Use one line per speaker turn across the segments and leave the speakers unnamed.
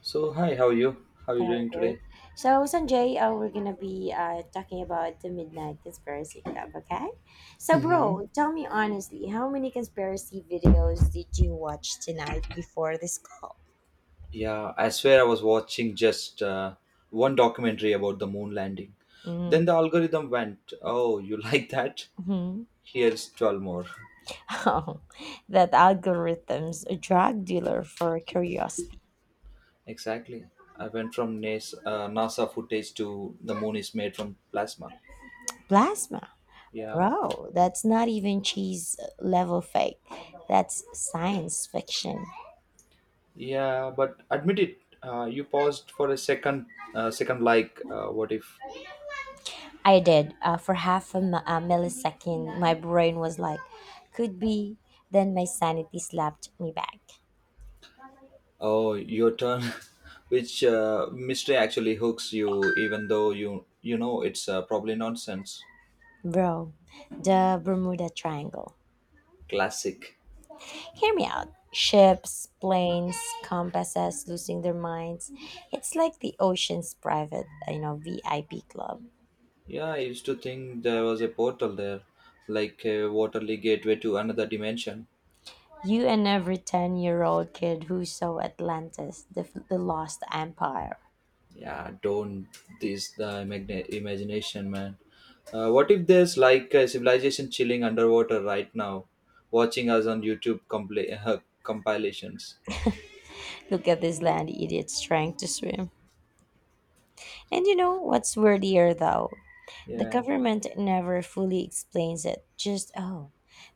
So hi, how are you? How are you
Yeah,
doing
great.
today?
So, Sanjay, we're gonna be talking about the Midnight Conspiracy Club, okay? So,
Mm-hmm.
bro, tell me honestly, how many conspiracy videos did you watch tonight before this call?
Yeah, I swear I was watching just one documentary about the moon landing. Then the algorithm went, "Oh, you like that?
Mm-hmm.
Here's 12 more."
Oh, that algorithm's a drug dealer for curiosity.
Exactly. I went from NASA footage to the moon is made from plasma.
Plasma,
Yeah,
bro, that's not even cheese level fake. That's science fiction.
yeah, but admit it. You paused for a second. Second, like, what if
I did. For half a, a millisecond, my brain was like, could be. Then my sanity slapped me back.
Oh, your turn. Which mystery actually hooks you, even though you know it's probably nonsense.
Bro, the Bermuda Triangle.
Classic.
Hear me out. Ships, planes, compasses losing their minds. It's like the ocean's private, VIP club.
Yeah, I used to think there was a portal there, like a waterly gateway to another dimension.
You and every 10-year-old kid who saw Atlantis, the lost empire.
Yeah, don't imagination, man. What if there's like a civilization chilling underwater right now, watching us on YouTube compilations?
Look at this land idiots trying to swim. And you know what's weirdier though? The
Yeah,
government never fully explains it. Just oh,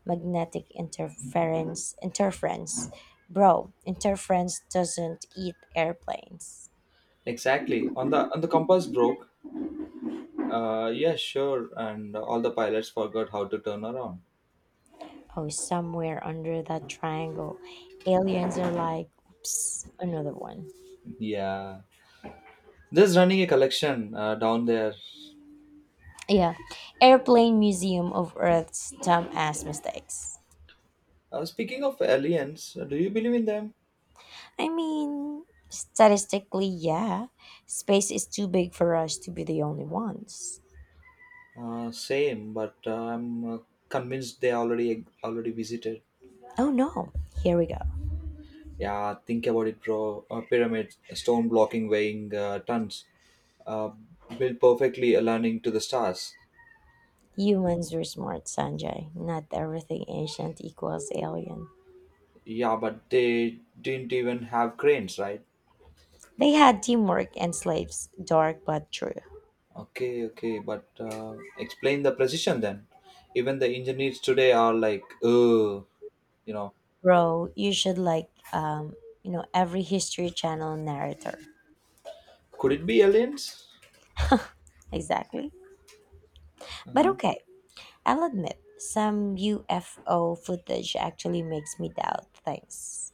magnetic interference. Bro, interference doesn't eat airplanes.
exactly. On the compass broke. Yeah, sure. And all the pilots forgot how to turn around.
Oh, somewhere under that triangle, aliens are like, oops, another one.
Yeah. Just running a collection down there.
Yeah, Airplane Museum of Earth's dumb ass mistakes.
Speaking of aliens, do you believe in them?
I mean, statistically, yeah, space is too big for us to be the only ones.
Same, but I'm convinced they already visited.
Oh no, here we go.
Yeah, think about it, bro. A pyramid, a stone blocking weighing tons, uh, built perfectly aligning to the stars.
Humans were smart, Sanjay. Not everything ancient equals alien.
Yeah, but they didn't even have cranes, right?
They had teamwork and slaves. Dark but true.
Okay, okay, but explain the precision then. Even the engineers today are like, oh, you know,
Bro, you should like every history channel narrator.
could it be aliens?
Exactly. But
Uh-huh.
okay, I'll admit, some UFO footage actually makes me doubt things.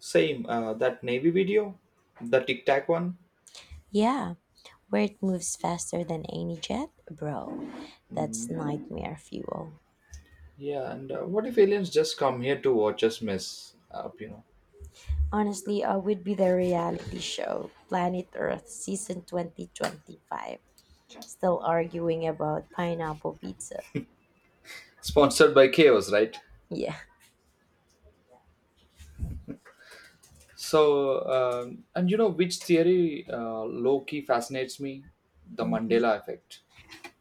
Same, that Navy video, the Tic Tac one.
Yeah. Where it moves faster than any jet? Bro, that's
Mhm.
nightmare fuel.
Yeah, and what if aliens just come here to watch us mess up, you know?
Honestly, I would be the reality show, Planet Earth season 2025. Still arguing about pineapple pizza.
Sponsored by Chaos, right?
Yeah.
So, and you know which theory low key fascinates me? The
Mm.
Mandela effect.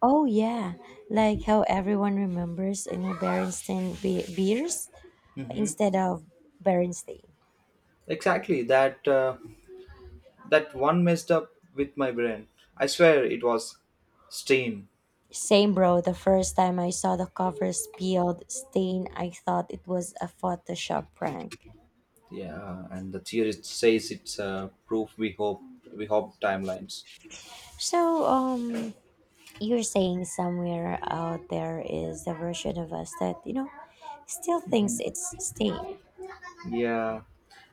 Oh, yeah. Like how everyone remembers, beers
Mm-hmm.
instead of Berenstain.
Exactly that. That one messed up with my brain. I swear it was steam.
Same, bro. The first time I saw the cover peeled stain, I thought it was a Photoshop prank.
Yeah, and the theorist says it's proof we hope timelines.
So, um, you're saying somewhere out there is a version of us that still thinks
Mhm.
it's steam.
Yeah,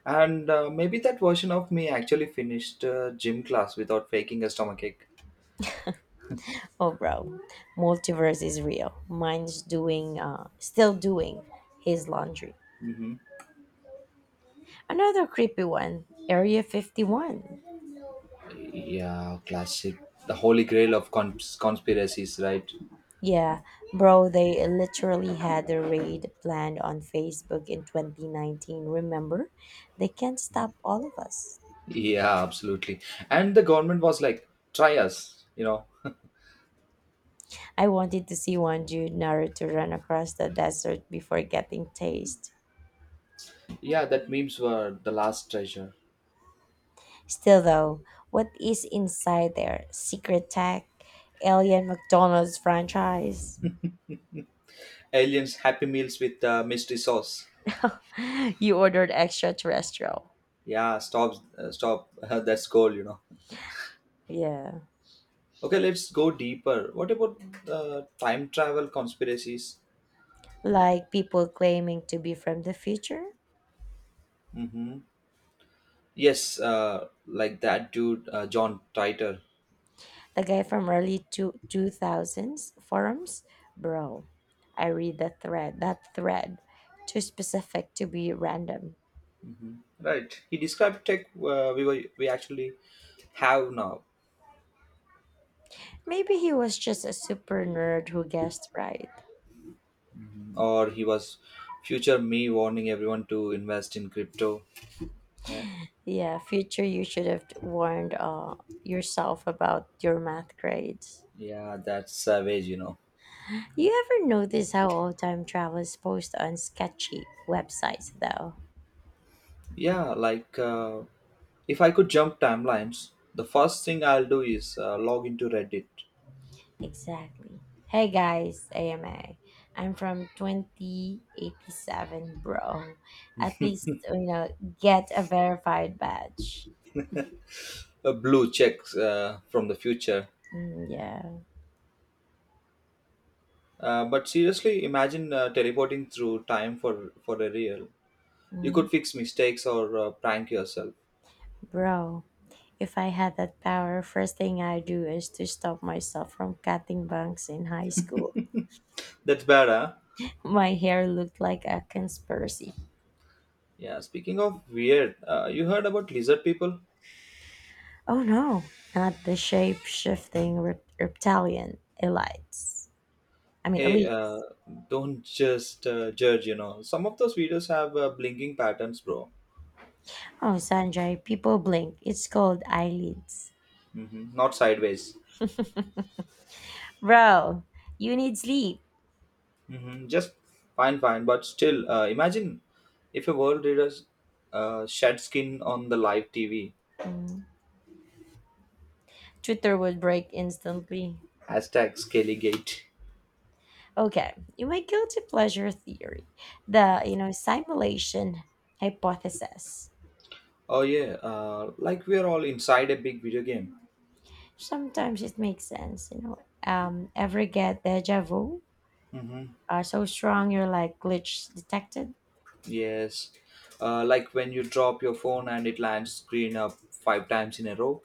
and maybe that version of me actually finished gym class without faking a stomachache.
Oh bro, multiverse is real. Mine's doing still doing his laundry.
Mm-hmm.
Another creepy one, area 51.
Yeah, classic. The holy grail of conspiracies, right?
Yeah bro, they literally had a raid planned on Facebook in 2019, remember? They can't stop all of us.
Yeah, absolutely. And the government was like, try us, you know.
I wanted to see one dude naruto run across the desert before getting tased.
Yeah, that memes were the last treasure.
Still, though, what is inside their secret tech? Alien McDonald's franchise?
Aliens happy meals with mystery sauce.
You ordered extraterrestrial.
Yeah, stop stop that's goal, you know.
Yeah.
Okay, let's go deeper. What about time travel conspiracies?
Like people claiming to be from the future?
Mm-hmm. Yes, like that dude, john Titor.
The guy from 2000s forums? Bro, I read that thread. Too specific to be random.
Hmm, right, he described tech uh, we actually have now.
Maybe he was just a super nerd who guessed right.
Mhm. Or he was future me warning everyone to invest in crypto. Yeah,
Yeah, future, you should have warned yourself about your math grades.
yeah, that's savage, you know.
You ever notice how old time travelers post on sketchy websites, though?
Yeah, like if I could jump timelines, the first thing I'll do is log into Reddit.
Exactly. Hey guys, A M am from 2087, bro. At least, you know, get a verified badge.
A blue check from the future.
Mm, yeah.
But seriously, imagine teleporting through time for a real. You
Mm.
could fix mistakes or prank yourself.
Bro, if I had that power, first thing I do is to stop myself from cutting bunks in high school.
That's better.
My hair looked like a conspiracy.
Yeah. Speaking of weird, you heard about lizard people?
Oh no, not the reptilian elites. I mean,
Hey,
elites.
don't just judge. You know, some of those videos have blinking patterns, bro.
Oh, Sanjay, people blink. It's called eyelids.
Hmm. Not sideways.
Bro, you need sleep.
Hmm. Just fine. But still, imagine if a world leaders shed skin on the live TV.
Mm. Twitter would break instantly.
Hashtag Scaligate.
Okay, in my guilty pleasure theory, the simulation hypothesis.
Oh yeah, like we are all inside a big video game.
Sometimes it makes sense, you know. Ever get deja vu?
Mm-hmm.
So strong you're like glitch detected.
Yes, like when you drop your phone and it lands screen up five times in a row.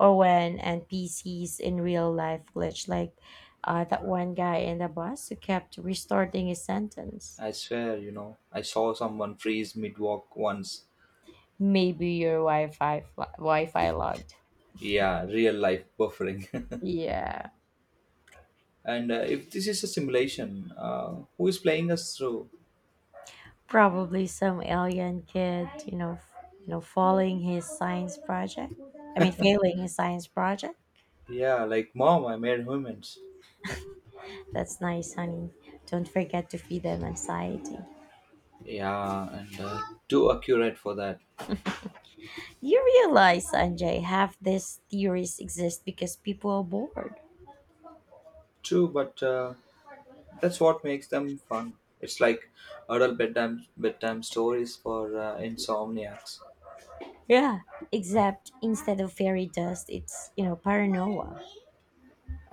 Or when NPCs in real life glitch, like that one guy in the bus who kept restarting his sentence.
I swear, you know, I saw someone freeze mid walk once.
Maybe your Wi-Fi logged.
Yeah, real life buffering.
Yeah,
And if this is a simulation, who is playing us through?
probably some alien kid, following his science project. I mean, failing his science project.
Yeah, like mom, I made humans.
That's nice, honey. Don't forget to feed them anxiety.
Yeah, and too accurate for that.
You realize, Sanjay, half these theories exist because people are bored.
True, but that's what makes them fun. It's like adult bedtime stories for insomniacs.
Yeah, except instead of fairy dust, it's, you know, paranoia.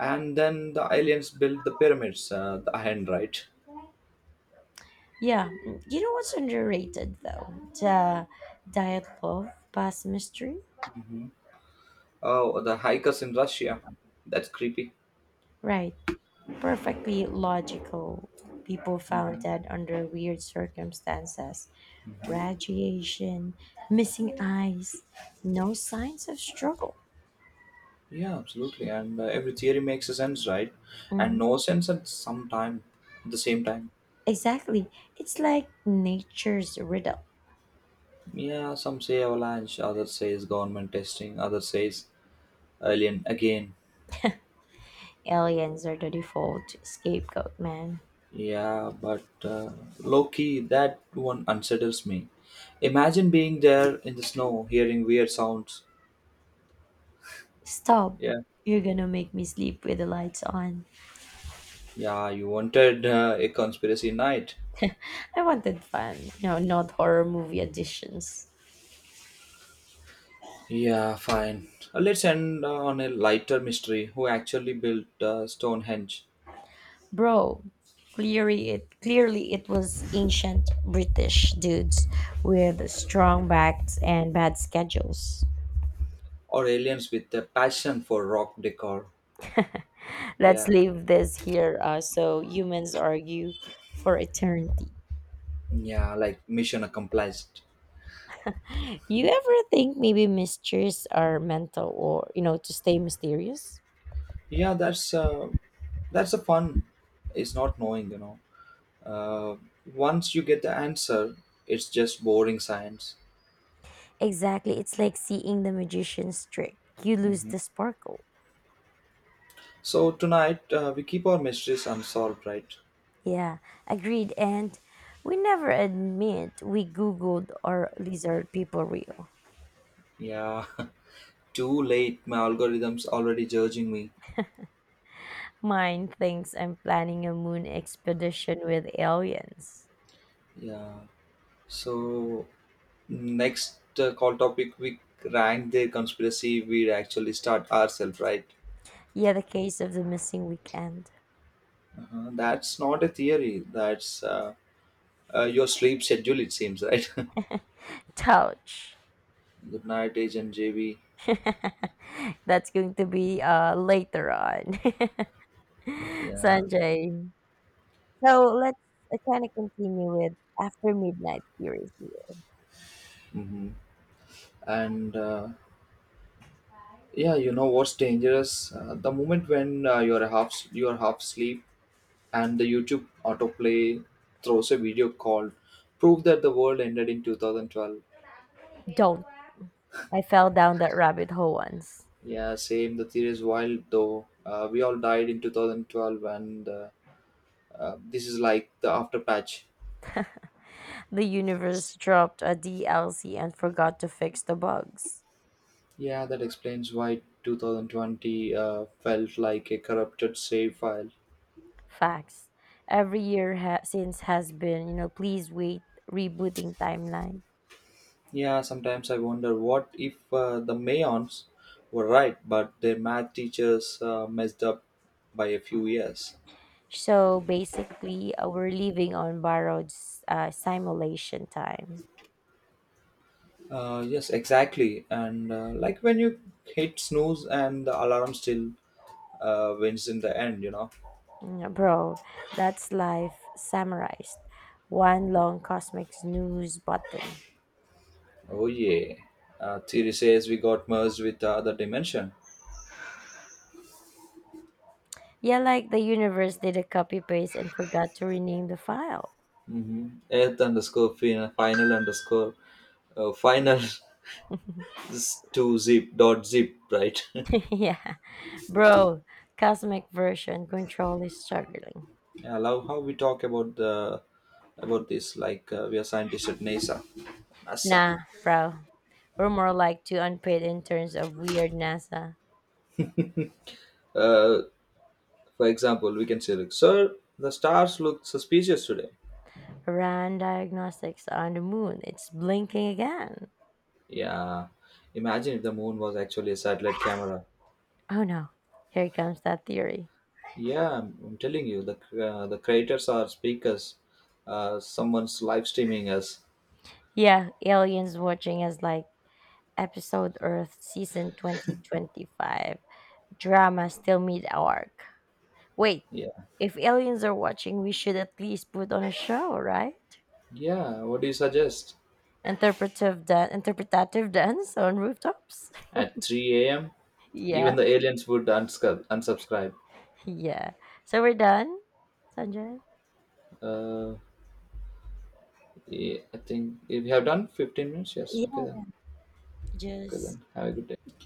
And then the aliens built the pyramids, the hand, right?
Yeah, mm, you know what's underrated though? The diet love past mystery?
Hmm. Oh, the hikers in Russia. That's creepy.
Right, perfectly logical. People found
Hmm.
dead under weird circumstances, radiation, missing eyes, no signs of struggle.
Yeah, absolutely. And every theory makes a sense, right? And
Hmm.
no sense at some time, at the same time.
Exactly. It's like nature's riddle.
Yeah, some say avalanche, others says government testing, others says alien again.
Aliens are the default scapegoat, man.
Yeah, but low key that one unsettles me. Imagine being there in the snow, hearing weird sounds.
Stop.
Yeah,
You're gonna make me sleep with the lights on.
yeah, you wanted a conspiracy night.
I wanted fun, you know, not horror movie editions.
Yeah, fine. Let's end on a lighter mystery. Who actually built Stonehenge?
Bro, clearly it was ancient British dudes with strong backs and bad schedules.
Or aliens with a passion for rock decor?
Let's
Yeah,
leave this here so humans argue for eternity.
yeah, like mission accomplished.
You ever think maybe mysteries are mental or you know to stay mysterious?
Yeah, that's the fun. It's not knowing, you know. Uh, Once you get the answer, it's just boring science.
Exactly. It's like seeing the magician's trick. You lose
Mhm.
the sparkle.
So tonight we keep our mysteries unsolved, right?
Yeah, agreed. And we never admit we Googled or lizard people real.
Yeah. Too late. My algorithm's already judging me.
Mine thinks I'm planning a moon expedition with aliens.
Yeah. So next call topic we rank the conspiracy we actually start ourselves, right?
Yeah, the case of the missing weekend.
Uh-huh. That's not a theory. That's your sleep schedule. It seems, right?
Touch.
Good night, Agent JB.
That's going to be later on.
Yeah.
Sanjay. So let's kind of continue with after midnight series. Here.
Mhm. And yeah, you know what's dangerous, the moment when uh, you're half asleep and the youtube autoplay throws a video called prove that the world ended in 2012."
Don't. I fell down that rabbit hole once.
Yeah, same. The theory is wild though. We all died in 2012 and this is like the after patch.
The universe dropped a DLC and forgot to fix the bugs.
Yeah, that explains why 2020 felt like a corrupted save file.
Facts. Every since has been, you know, please wait, rebooting timeline.
Yeah, sometimes I wonder what if the Mayons were right, but their math teachers messed up by a few years.
So basically, we're living on borrowed simulation time.
Yes, exactly. And like when you hit snooze and the alarm still wins in the end, you know.
Mm. Bro, that's life summarized. One long cosmic snooze button.
Oh yeah. Theory says we got merged with the other dimension.
Yeah, like the universe did a copy paste and forgot to rename the file.
Mm-hmm. Earth underscore final underscore final to zip dot zip, right?
Yeah. Bro, cosmic version control is struggling.
I love how we talk about the about this like we are scientists at NASA.
Nah, bro. We're more like two unpaid interns of weird NASA.
Uh, for example, we can say like, "Sir, the stars look suspicious today."
Ran diagnostics on the moon. It's blinking again.
Yeah. Imagine if the moon was actually a satellite camera.
Oh no. Here comes that theory.
Yeah, I'm telling you, the creators are speakers. Someone's live streaming us.
Yeah, aliens watching us like episode Earth season 2025. Drama still mid arc. Wait,
Yeah.
if aliens are watching, we should at least put on a show, right?
Yeah. What do you suggest?
Interpretative dance on rooftops.
At 3 a.m., even
Yeah,
the aliens would unsubscribe.
yeah. So we're done, Sanjay?
Uh, Yeah, I think we have done 15 minutes, yes. Okay
Yeah,
then. Okay
just
then. Have a good day.